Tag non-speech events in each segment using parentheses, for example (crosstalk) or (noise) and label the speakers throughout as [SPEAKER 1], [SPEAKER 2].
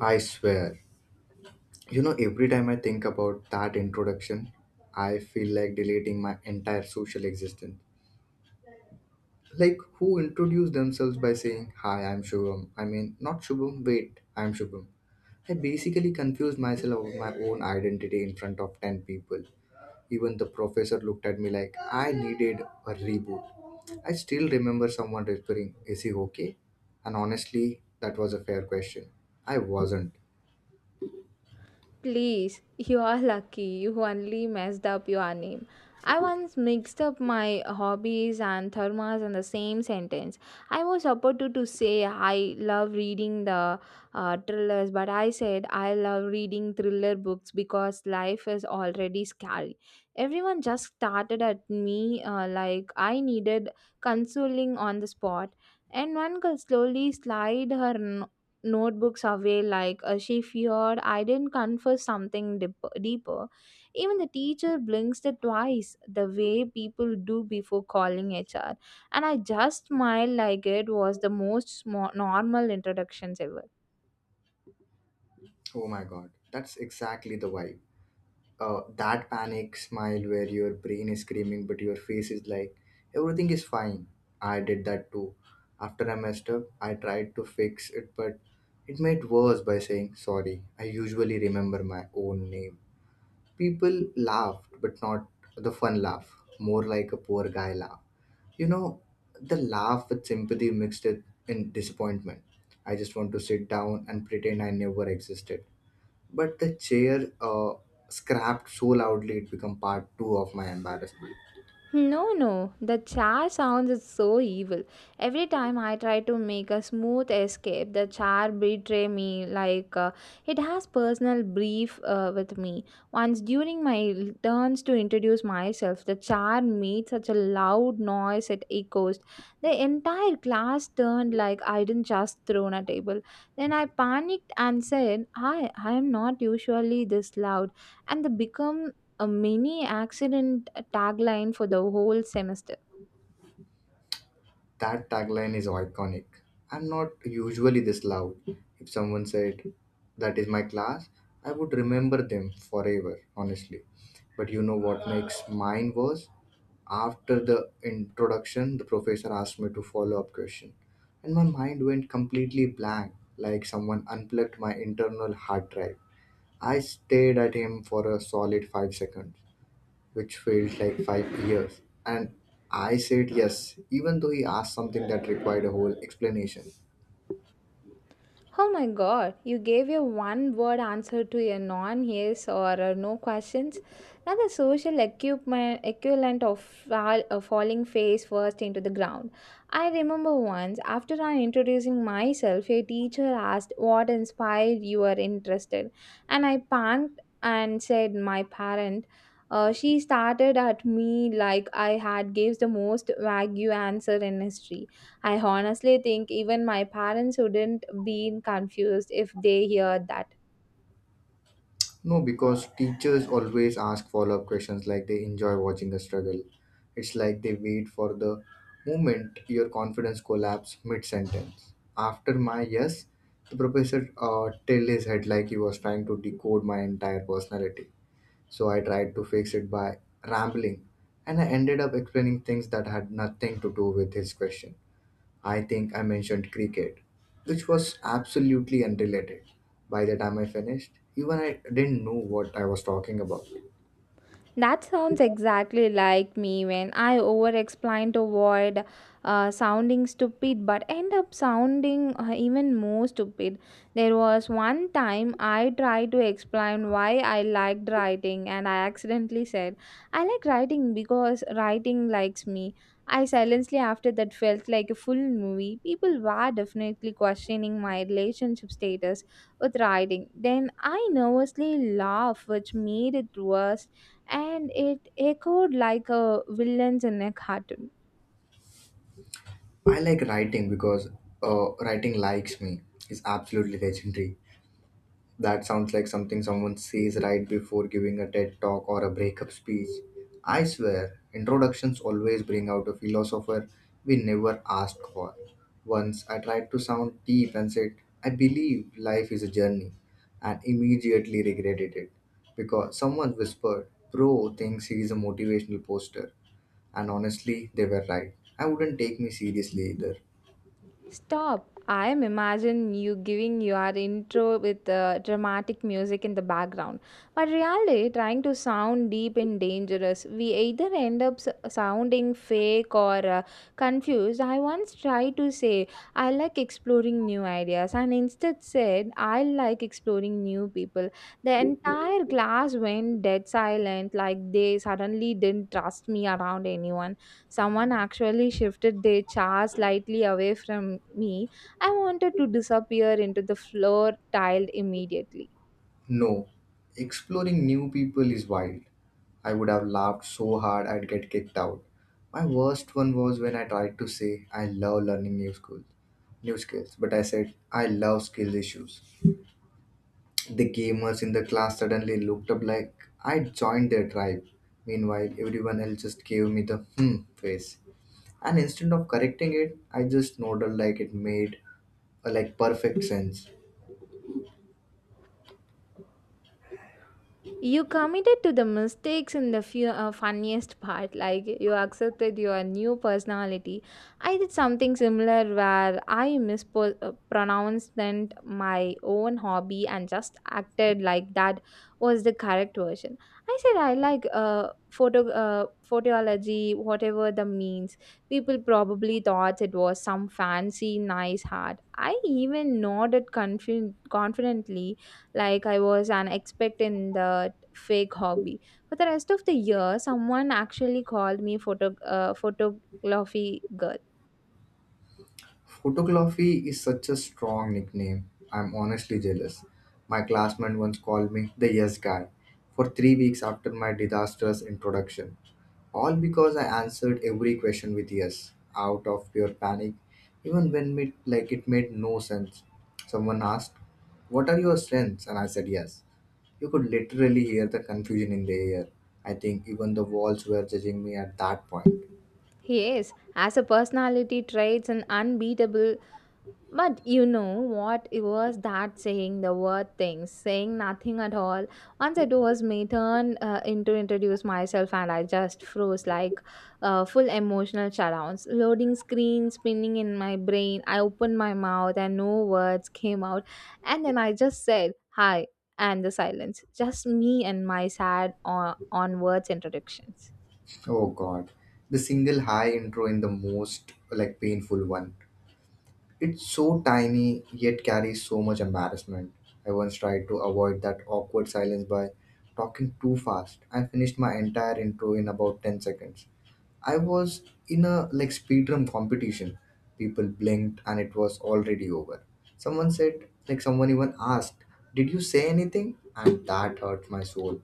[SPEAKER 1] I swear. You know, every time I think about that introduction, I feel like deleting my entire social existence. Like, who introduce themselves by saying, Hi, I'm Shubham. I mean, not Shubham, wait, I'm Shubham. I basically confused myself of my own identity in front of 10 people. Even the professor looked at me like I needed a reboot. I still remember someone whispering, Is he okay? And honestly, that was a fair question. I wasn't.
[SPEAKER 2] Please, you are lucky. You only messed up your name. I once mixed up my hobbies and thermos in the same sentence. I was supposed to say I love reading the thrillers, but I said I love reading thriller books because life is already scary. Everyone just started at me like I needed consoling on the spot. And one girl slowly slid her notebooks away like she feared I didn't confess something deeper. Even the teacher blinks it twice the way people do before calling HR. And I just smiled like it was the most normal introductions ever.
[SPEAKER 1] Oh my god, that's exactly the vibe. That panic smile where your brain is screaming but your face is like everything is fine. I did that too. After I messed up I tried to fix it, but it made worse by saying sorry I usually remember my own name. People laughed, but not the fun laugh, more like a poor guy laugh you know the laugh with sympathy mixed it in disappointment. I just want to sit down and pretend I never existed, but the chair scrapped so loudly it became part two of my embarrassment.
[SPEAKER 2] No, no, the char sounds is so evil. Every time I try to make a smooth escape, the char betray me like it has personal brief with me. Once during my turns to introduce myself, the char made such a loud noise it echoes. The entire class turned like I didn't just thrown a table. Then I panicked and said, "I am not usually this loud," and the become a mini accident tagline for the whole semester.
[SPEAKER 1] That tagline is iconic. I'm not usually this loud. If someone said, That is my class, I would remember them forever, honestly. But you know what makes mine worse? After the introduction, the professor asked me to follow up question, and my mind went completely blank, like someone unplugged my internal hard drive. I stared at him for a solid 5 seconds, which felt like 5 years. And I said yes, even though he asked something that required a whole explanation.
[SPEAKER 2] Oh my god, you gave a one word answer to a non yes or a no questions. Now the social equipment equivalent of fall, a falling face first into the ground. I remember once after I introducing myself, a teacher asked what inspired you are interested, and I panicked and said my parent. She started at me like I had gives the most vague answer in history. I honestly think even my parents wouldn't be confused if they heard that.
[SPEAKER 1] No, because teachers always ask follow up questions like they enjoy watching us struggle. It's like they wait for the moment your confidence collapse mid sentence. After my yes, the professor tilted his head like he was trying to decode my entire personality. So I tried to fix it by rambling, and I ended up explaining things that had nothing to do with his question. I think I mentioned cricket, which was absolutely unrelated. By the time I finished, even I didn't know what I was talking about.
[SPEAKER 2] That sounds exactly like me when I over explain to avoid sounding stupid but end up sounding even more stupid. There was one time I tried to explain why I liked writing and I accidentally said, I like writing because writing likes me. I silently after that felt like a full movie. People were definitely questioning my relationship status with writing. Then I nervously laughed, which made it worse and it echoed like a villain's in a cartoon.
[SPEAKER 1] I like writing because writing likes me is absolutely legendary. That sounds like something someone says right before giving a TED talk or a breakup speech. I swear, introductions always bring out a philosopher we never asked for. Once I tried to sound deep and said, I believe life is a journey, and immediately regretted it because someone whispered, Bro thinks he is a motivational poster. And honestly, they were right. I wouldn't take me seriously either.
[SPEAKER 2] Stop. I am imagine you giving your intro with dramatic music in the background. But really, trying to sound deep and dangerous, we either end up sounding fake or confused. I once tried to say, I like exploring new ideas, and instead said, I like exploring new people. The entire class went dead silent, like they suddenly didn't trust me around anyone. Someone actually shifted their chair slightly away from me. I wanted to disappear into the floor tiled immediately.
[SPEAKER 1] No, exploring new people is wild. I would have laughed so hard I'd get kicked out. My worst one was when I tried to say I love learning new skills, but I said I love skill issues. The gamers in the class suddenly looked up like I joined their tribe. Meanwhile, everyone else just gave me the hmm face. And instead of correcting it, I just nodded like it made like perfect sense.
[SPEAKER 2] You committed to the mistakes in the few, funniest part, like you accepted your new personality. I did something similar where I mispronounced my own hobby and just acted like that was the correct version. I said I like photology, whatever the means. People probably thought it was some fancy, nice hat. I even nodded confidently like I was an expert in the fake hobby. For the rest of the year, someone actually called me photography girl.
[SPEAKER 1] Photography is such a strong nickname. I'm honestly jealous. My classmate once called me the yes guy for 3 weeks after my disastrous introduction. All because I answered every question with yes, out of pure panic, even when it, like it made no sense. Someone asked, What are your strengths? And I said yes. You could literally hear the confusion in the air. I think even the walls were judging me at that point.
[SPEAKER 2] Yes, as a personality traits and unbeatable. But you know what it was that saying the word things, saying nothing at all. Once it was my turn in to introduce myself, and I just froze like full emotional shutdowns. Loading screen spinning in my brain. I opened my mouth and no words came out, and then I just said hi and the silence. Just me and my sad onwards introductions.
[SPEAKER 1] Oh God, the single high intro in the most like painful one. It's so tiny yet carries so much embarrassment. I once tried to avoid that awkward silence by talking too fast. I finished my entire intro in about 10 seconds. I was in a like speedrun competition. People blinked and it was already over. Someone said like someone even asked, "Did you say anything?" And that hurt my soul.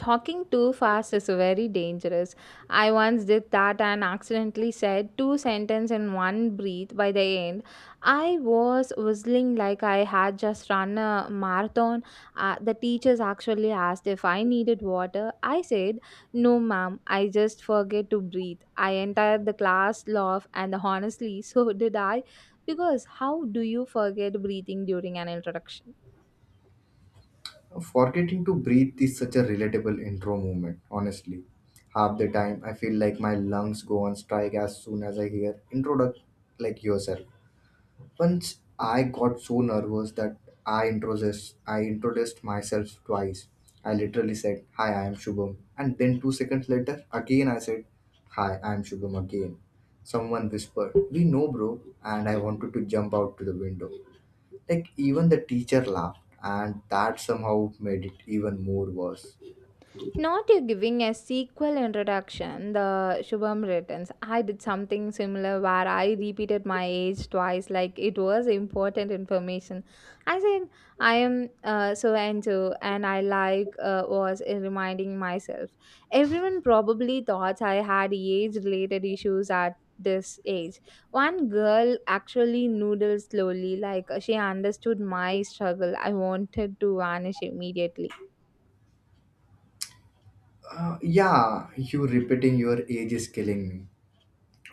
[SPEAKER 2] Talking too fast is very dangerous. I once did that and accidentally said two sentences in one breath. By the end, I was whistling like I had just run a marathon. The teachers actually asked if I needed water. I said, No, ma'am, I just forget to breathe. I entered the class laugh, and honestly, (laughs) so did I. Because how do you forget breathing during an introduction?
[SPEAKER 1] Forgetting to breathe is such a relatable intro movement, honestly. Half the time, I feel like my lungs go on strike as soon as I hear introduct like yourself. Once I got so nervous that I introduced myself twice. I literally said, Hi, I am Shubham. And then 2 seconds later, again I said, Hi, I am Shubham again. Someone whispered, We know, bro. And I wanted to jump out to the window. Like even the teacher laughed, and that somehow made it even more worse.
[SPEAKER 2] Not you giving a sequel introduction, the Shubham returns. I did something similar where I repeated my age twice, like it was important information. I said, I am so and so, and I like was reminding myself. Everyone probably thought I had age related issues at this age. One girl actually noodled slowly, like she understood my struggle. I wanted to vanish immediately.
[SPEAKER 1] Yeah, you repeating your age is killing me.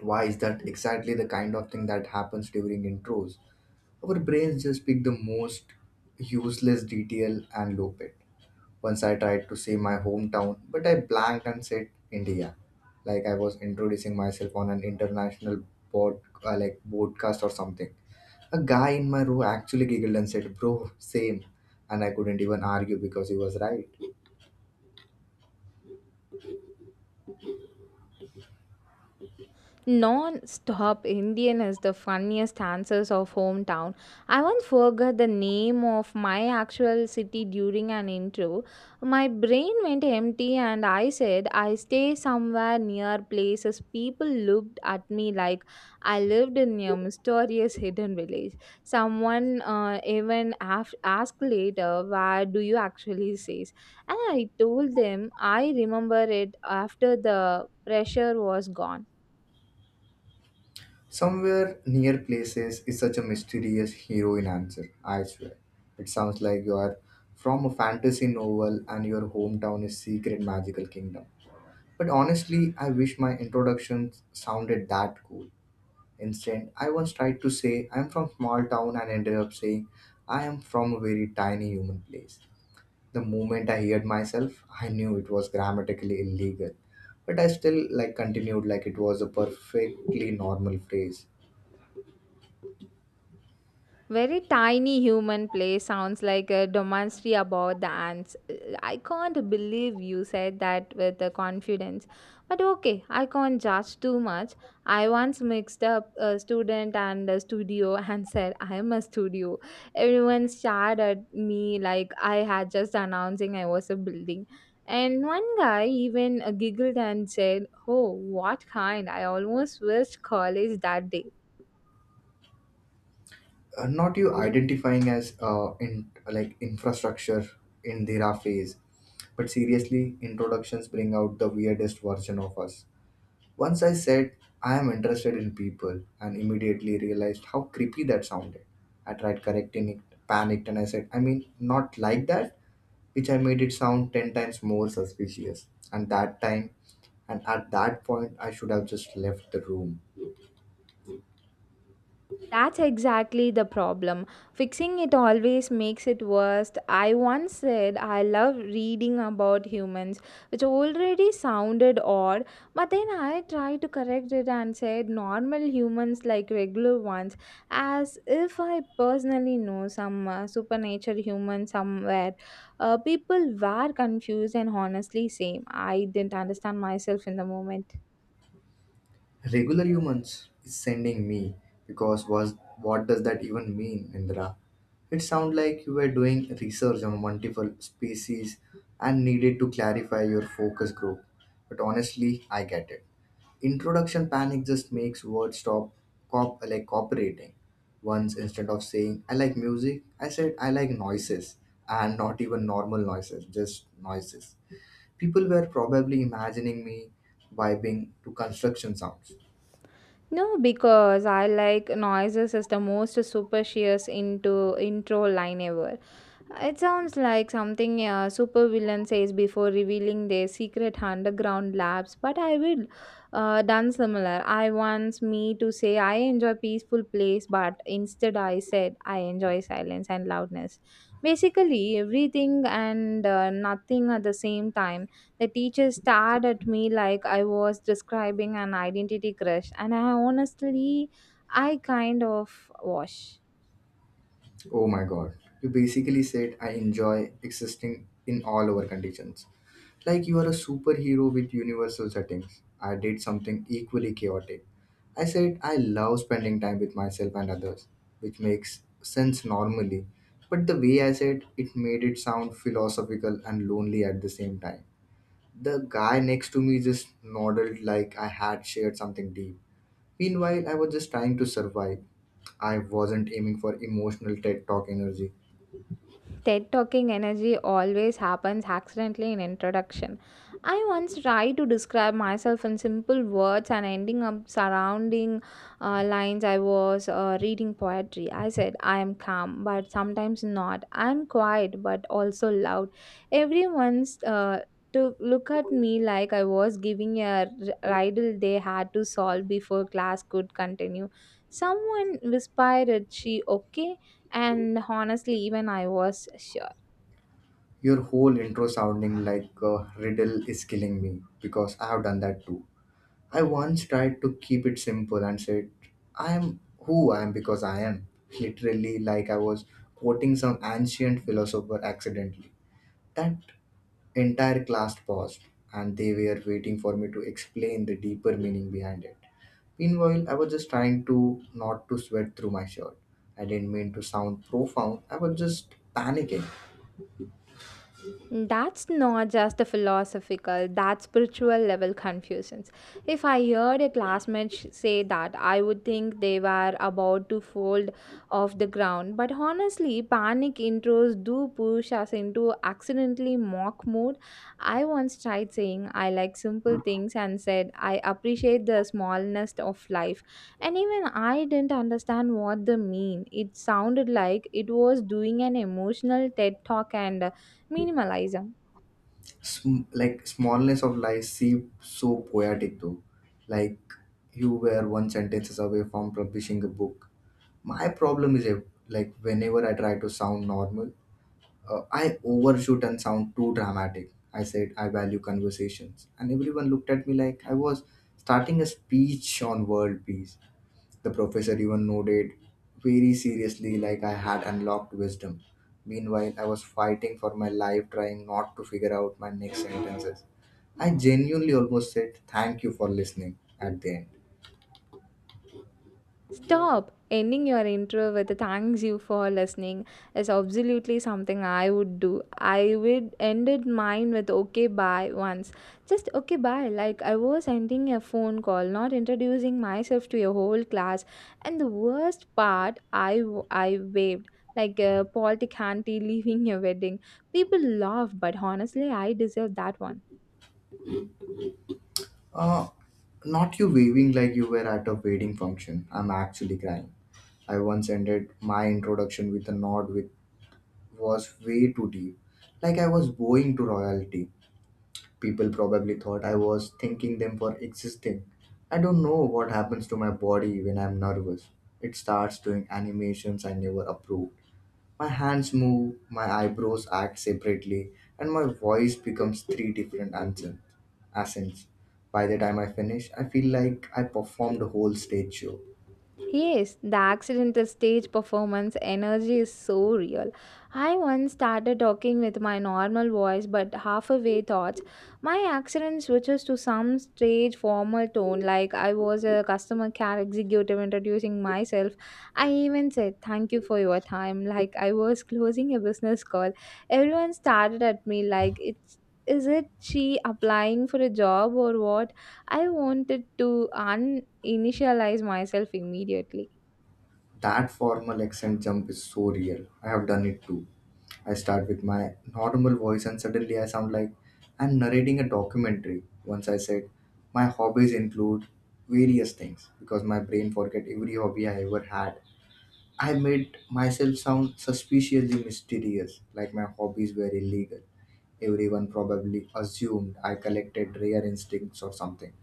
[SPEAKER 1] Why is that exactly the kind of thing that happens during intros? Our brains just pick the most useless detail and loop it. Once I tried to say my hometown, but I blanked and said India, like I was introducing myself on an international pod, like broadcast or something. A guy in my row actually giggled and said, "Bro, same," and I couldn't even argue because he was right.
[SPEAKER 2] Non-stop Indian is the funniest answers of hometown. I once forgot the name of my actual city during an intro. My brain went empty and I said I stay somewhere near places. People looked at me like I lived in a mysterious hidden village. Someone even asked later, where do you actually say?" And I told them I remember it after the pressure was gone.
[SPEAKER 1] Somewhere near places is such a mysterious heroine answer, I swear. It sounds like you are from a fantasy novel and your hometown is secret magical kingdom. But honestly, I wish my introductions sounded that cool. Instead, I once tried to say I'm from small town and ended up saying I am from a very tiny human place. The moment I heard myself, I knew it was grammatically illegal, but I still like continued like it was a perfectly normal phrase.
[SPEAKER 2] Very tiny human play sounds like a domainry about the ants. I can't believe you said that with the confidence. But okay, I can't judge too much. I once mixed up a student and a studio and (laughs) said, I'm a studio. Everyone stared at me like I had just announcing I was a building. And one guy even giggled and said, Oh, what kind? I almost wished college that day.
[SPEAKER 1] Not you identifying as in like infrastructure in their phase, but seriously, introductions bring out the weirdest version of us. Once I said I am interested in people and immediately realized how creepy that sounded. I tried correcting it, panicked, and I said, I mean, not like that, which I made it sound 10 times more suspicious. And that time, and at that point, I should have just left the room.
[SPEAKER 2] That's exactly the problem. Fixing it always makes it worse. I once said I love reading about humans, which already sounded odd, but then I tried to correct it and said normal humans like regular ones, as if I personally know some supernature human somewhere. People were confused and honestly same. I didn't understand myself in the moment.
[SPEAKER 1] Regular humans is sending me because was what does that even mean, Indra? It sounds like you were doing research on multiple species and needed to clarify your focus group. But honestly, I get it. Introduction panic just makes words stop cop like cooperating. Once instead of saying I like music, I said I like noises, and not even normal noises, just noises. People were probably imagining me vibing to construction sounds.
[SPEAKER 2] No, because I like noises is the most superstitious into intro line ever. It sounds like something a supervillain says before revealing their secret underground labs, but I will done similar. I once me to say I enjoy peaceful place, but instead I said I enjoy silence and loudness. Basically, everything and nothing at the same time. The teacher stared at me like I was describing an identity crush, and I honestly, I kind of was.
[SPEAKER 1] Oh my god. You basically said I enjoy existing in all our conditions. Like you are a superhero with universal settings. I did something equally chaotic. I said I love spending time with myself and others, which makes sense normally. But the way I said it made it sound philosophical and lonely at the same time. The guy next to me just nodded like I had shared something deep. Meanwhile, I was just trying to survive. I wasn't aiming for emotional TED talk energy.
[SPEAKER 2] TED talking energy always happens accidentally in introduction. I once tried to describe myself in simple words and ending up surrounding lines I was reading poetry. I said, I am calm, but sometimes not. I am quiet, but also loud. Everyone's To look at me like I was giving a riddle they had to solve before class could continue. Someone whispered, "Is she okay? And honestly even I was shocked.
[SPEAKER 1] Your whole intro sounding like a riddle is killing me because I have done that too. I once tried to keep it simple and said, I am who I am because I am. Literally, like I was quoting some ancient philosopher accidentally. That entire class paused and they were waiting for me to explain the deeper meaning behind it. Meanwhile, I was just trying to not to sweat through my shirt. I didn't mean to sound profound, I was just panicking.
[SPEAKER 2] That's not just a philosophical, that's spiritual level confusions. If I heard a classmate say that, I would think they were about to fold off the ground. But honestly, panic intros do push us into accidentally mock mode. I once tried saying I like simple things and said I appreciate the smallness of life. And even I didn't understand what they mean. It sounded like it was doing an emotional TED talk and minimalism.
[SPEAKER 1] Like smallness of life seemed so poetic though, like you were one sentences away from publishing a book. My problem is like, whenever I try to sound normal, I overshoot and sound too dramatic. I said I value conversations and everyone looked at me like I was starting a speech on world peace. The professor even nodded very seriously, like I had unlocked wisdom. Meanwhile, I was fighting for my life, trying not to figure out my next sentences. I genuinely almost said thank you for listening at the end.
[SPEAKER 2] Stop! Ending your intro with a thanks you for listening is absolutely something I would do. I would ended mine with okay bye once. Just okay bye, like I was ending a phone call, not introducing myself to your whole class. And the worst part, I waved like a politic auntie (laughs) leaving your wedding. People laugh, but honestly, I deserve that one.
[SPEAKER 1] Uh, Not you waving like you were at a wedding function. I'm actually crying. I once ended my introduction with a nod which was way too deep, like I was bowing to royalty. People probably thought I was thanking them for existing. I don't know what happens to my body when I'm nervous. It starts doing animations I never approved. My hands move, my eyebrows act separately, and my voice becomes three different accents. By the time I finish, I feel like I performed a whole stage show.
[SPEAKER 2] Yes, the accidental stage performance energy is so real. I once started talking with my normal voice, but half away thoughts. My accent switches to some stage formal tone, like I was a customer care executive introducing myself. I even said, Thank you for your time, like I was closing a business call. Everyone started at me, like, it's is it she applying for a job or what? I wanted to uninitialize myself immediately.
[SPEAKER 1] That formal accent jump is so real. I have done it too. I start with my normal voice and suddenly I sound like I'm narrating a documentary. Once I said, my hobbies include various things because my brain forget every hobby I ever had. I made myself sound suspiciously mysterious, like my hobbies were illegal. Everyone probably assumed I collected rare instincts or something.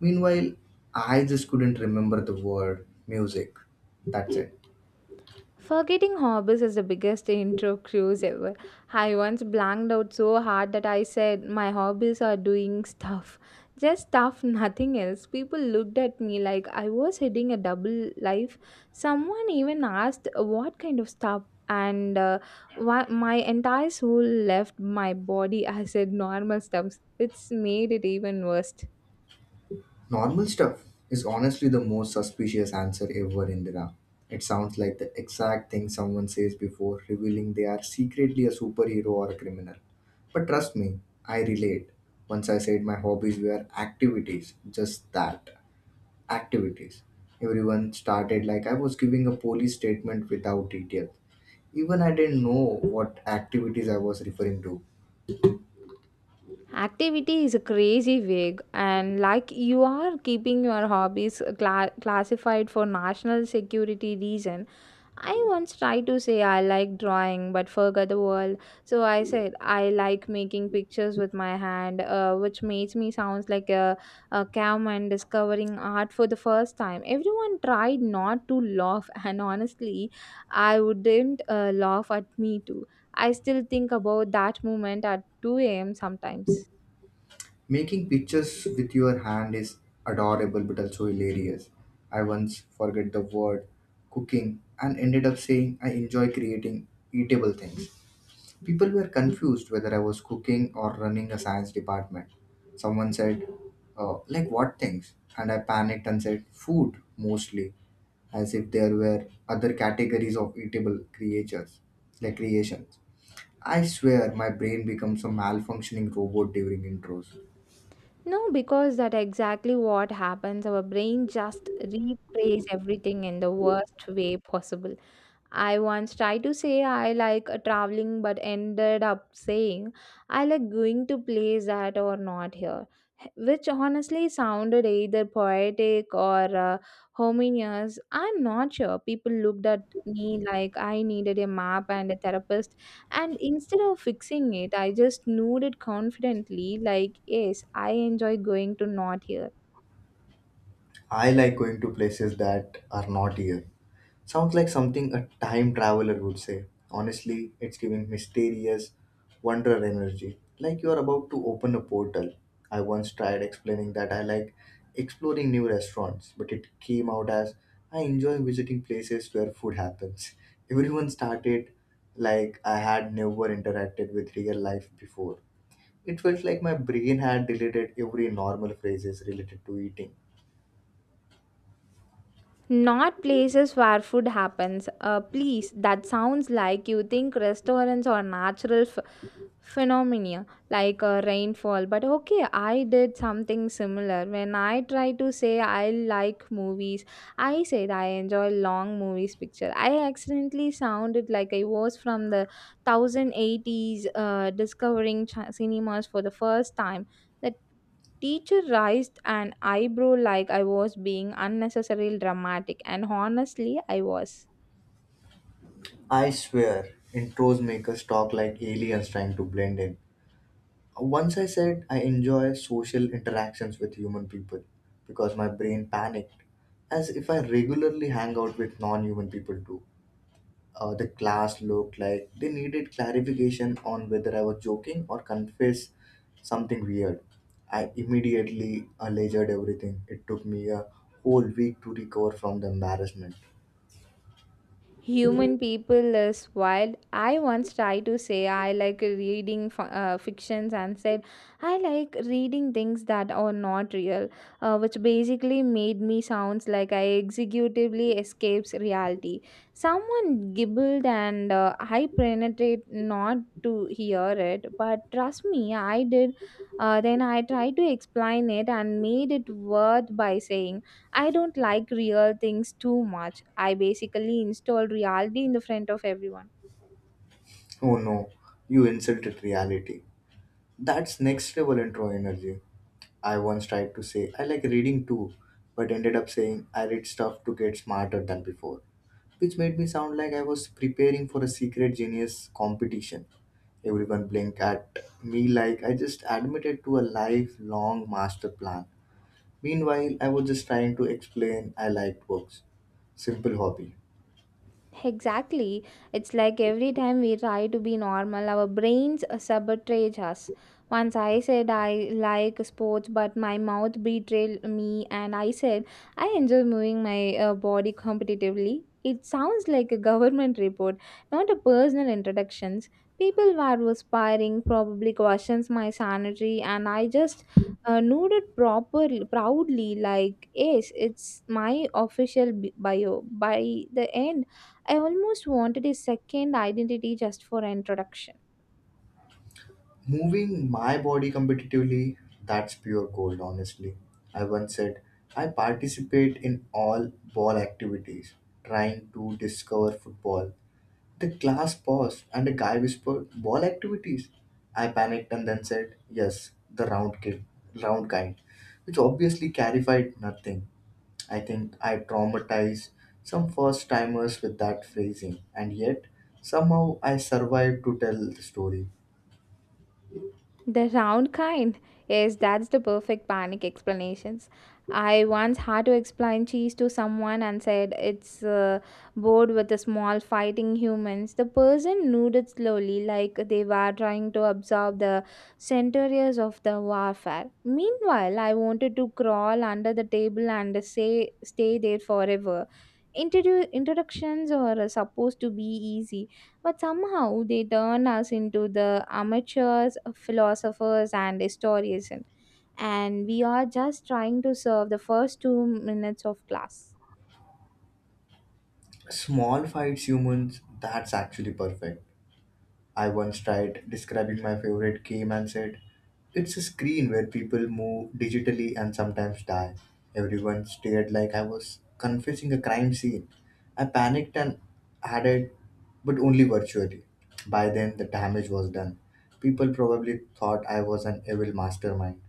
[SPEAKER 1] Meanwhile, I just couldn't remember the word music. That's it.
[SPEAKER 2] Forgetting hobbies is the biggest intro cruise ever. I once blanked out so hard that I said, My hobbies are doing stuff. Just stuff, (laughs) nothing else. People looked at me like I was heading a double life. Someone even asked, What kind of stuff? And why, my entire soul left my body I said normal stuff. It's made it even worse.
[SPEAKER 1] Normal stuff is honestly the most suspicious answer ever, Indira. It sounds like the exact thing someone says before revealing they are secretly a superhero or a criminal. But trust me, I relate. Once I said my hobbies were activities, just that activities. Everyone started like I was giving a police statement without detail. Even I didn't know what activities I was referring to.
[SPEAKER 2] Activity is a crazy vague, and like you are keeping your hobbies classified for national security reason. I once tried to say I like drawing, but forgot the world. So I said I like making pictures with my hand, which makes me sounds like a caveman discovering art for the first time. Everyone tried not to laugh, (laughs) and honestly, I wouldn't laugh at me too. I still think about that moment at 2 a.m. sometimes.
[SPEAKER 1] Making pictures with your hand is adorable but also hilarious. I once forget the word cooking and ended up saying I enjoy creating eatable things. People were confused whether I was cooking or running a science department. Someone said, like what things? And I panicked and said, food mostly, as if there were other categories of eatable creatures, like creations. I swear my brain becomes a malfunctioning robot during intros.
[SPEAKER 2] No, because that exactly what happens. Our brain just replays everything in the worst way possible. I once tried to say I like traveling but ended up saying I like going to place that are not here, which honestly sounded either poetic or homogeneous. I'm not sure. People looked at me like I needed a map and a therapist, and instead of fixing it, I just nodded confidently, like, yes, I enjoy going to not here.
[SPEAKER 1] I like going to places that are not here. Sounds like something a time traveler would say. Honestly, it's giving mysterious wonder energy, like you are about to open a portal. I once tried explaining that I like exploring new restaurants, but it came out as I enjoy visiting places where food happens. (laughs) Everyone started like I had never interacted with real life before. It felt like my brain had deleted every normal phrases related to eating.
[SPEAKER 2] Not places where food happens. Please, that sounds like you think restaurants are natural phenomena like rainfall. But okay, I did something similar. When I try to say I like movies, I said I enjoy long movies picture. I accidentally sounded like I was from the 1080s discovering cinemas for the first time. That teacher raised an eyebrow like I was being unnecessarily dramatic, and honestly, I was.
[SPEAKER 1] I swear, intros make us talk like aliens trying to blend in. Once I said I enjoy social interactions with human people because my brain panicked, as if I regularly hang out with non human people too. The class looked like they needed clarification on whether I was joking or confess something weird. I immediately alleged everything. It took me a whole week to recover from the embarrassment.
[SPEAKER 2] Human people is wild. I once tried to say I like reading fictions and said I like reading things that are not real, which basically made me sounds like I executively escapes reality. Someone gibbled, and I penetrate not to hear it, but trust me, I did. Then I tried to explain it and made it worth by saying. I don't like real things too much. I basically install reality in the front of everyone.
[SPEAKER 1] Oh no, you insulted reality. That's next level intro energy. I once tried to say I like reading too, but ended up saying I read stuff to get smarter than before, which made me sound like I was preparing for a secret genius competition. Everyone blinked at me like I just admitted to a lifelong master plan. Meanwhile, I was just trying to explain I liked books. Simple hobby.
[SPEAKER 2] Exactly. It's like every time we try to be normal, our brains sabotage us. Once I said I like sports, but my mouth betrayed me, and I said I enjoy moving my body competitively. It sounds like a (laughs) government report, not a personal introductions. People were perspiring, probably questions my sanity, and I just nodded properly, proudly, like yes, it's my official bio. By the end. I almost wanted a second identity just for introduction.
[SPEAKER 1] Moving my body competitively, that's pure gold, honestly. I once said, I participate in all ball activities, trying to discover football. The class paused and a guy whispered, ball activities? I panicked and then said, yes, the round kind, which obviously clarified nothing. I think I traumatized some first timers with that phrasing, and yet somehow I survived to tell the story.
[SPEAKER 2] The round kind. Yes, that's the perfect panic explanations. I once had to explain cheese to someone and said it's bored with the small fighting humans. The person nodded slowly, like they were trying to absorb the centuries of the warfare. Meanwhile, I wanted to crawl under the table and say stay there forever. Introductions are supposed to be easy. But somehow they turn us into the amateurs, philosophers, and historians, and we are just trying to serve the first 2 minutes of class.
[SPEAKER 1] Small fights humans, that's actually perfect. I once tried describing my favorite game and said, it's a screen where people move digitally and sometimes die. Everyone stared like I was confessing a crime scene. I panicked and added, but only virtually. By then, the damage was done. People probably thought I was an evil mastermind.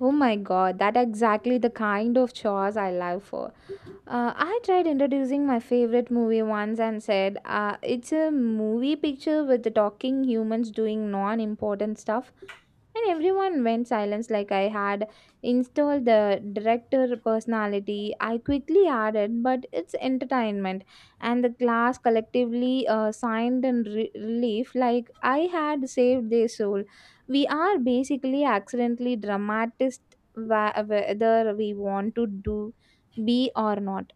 [SPEAKER 2] Oh my god, that exactly the kind of chores I love for. I tried introducing my favorite movie once and said, it's a movie picture with the talking humans doing non important stuff. And everyone went silence like I had installed the director personality. I quickly added, but it's entertainment. And the class collectively signed in relief like I had saved their soul. We are basically accidentally dramatist whether we want to do be or not.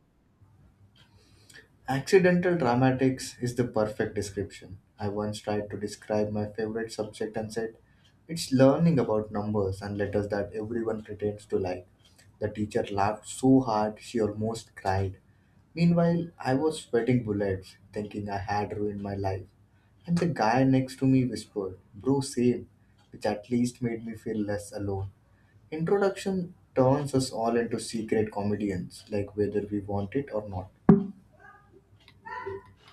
[SPEAKER 1] Accidental dramatics is the perfect description. I once tried to describe my favorite subject and said, it's learning about numbers and letters that everyone pretends to like. The teacher laughed so hard she almost cried. Meanwhile, I was sweating bullets, thinking I had ruined my life. And the guy next to me whispered, bro, same, which at least made me feel less alone. Introduction turns us all into secret comedians, like whether we want it or not.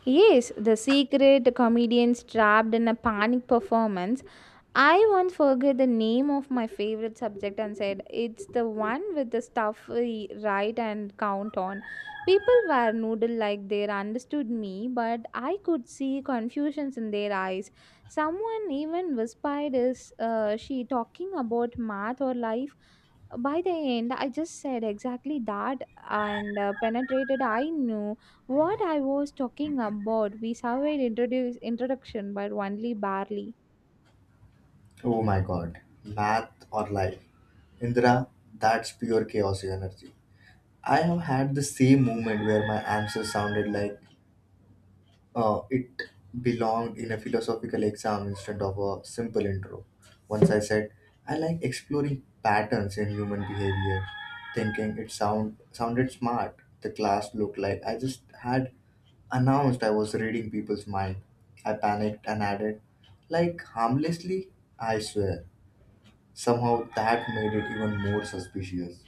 [SPEAKER 2] Yes, the secret comedians trapped in a panic performance. I once forgot the name of my favorite subject and said it's the one with the stuff we write and count on. People were noodle like they understood me, but I could see confusions in their eyes. Someone even whispered, is she talking about math or life? By the end, I just said exactly that and penetrated. I knew what I was talking about, we survived introduction, but only barely.
[SPEAKER 1] Oh my god, math or life. Indra, that's pure chaos energy. I have had the same moment where my answer sounded like it belonged in a philosophical exam instead of a simple intro. Once I said, I like exploring patterns in human behavior, thinking it sounded smart. The class looked like I just had announced I was reading people's mind. I panicked and added, like harmlessly, I swear. Somehow that made it even more suspicious.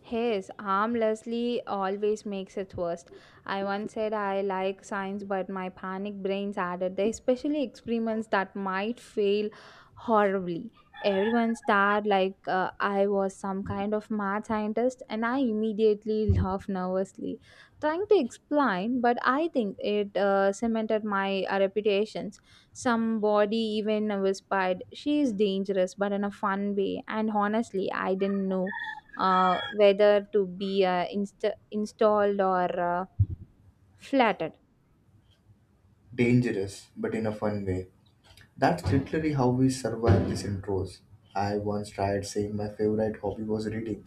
[SPEAKER 2] His harmlessly always makes it worse. I once said I like science, but my panic brains added the especially experiments that might fail horribly. Everyone stared like I was some kind of mad scientist, and I immediately laughed nervously, trying to explain. But I think it cemented my reputations. Somebody even whispered, "She is dangerous, but in a fun way." And honestly, I didn't know whether to be installed or flattened.
[SPEAKER 1] Dangerous, but in a fun way. That's literally how we survive these intros. I once tried saying my favorite hobby was reading,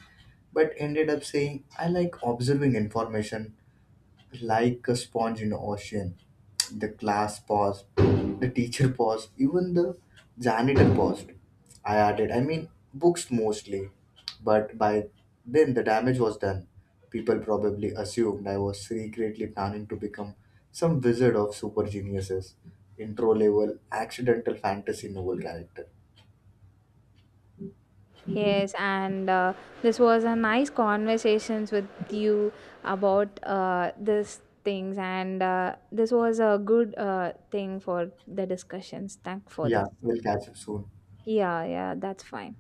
[SPEAKER 1] but ended up saying I like observing information like a sponge in the ocean. The class paused, the teacher paused, even the janitor paused. I added, I mean, books mostly. But by then, the damage was done. People probably assumed I was secretly planning to become some wizard of super geniuses, intro level, accidental fantasy novel character.
[SPEAKER 2] Yes, and This was a nice conversations with you about these things, and this was a good thing for the discussions. Thank for
[SPEAKER 1] Yeah,
[SPEAKER 2] this.
[SPEAKER 1] we'll catch up soon.
[SPEAKER 2] Yeah, yeah, that's fine.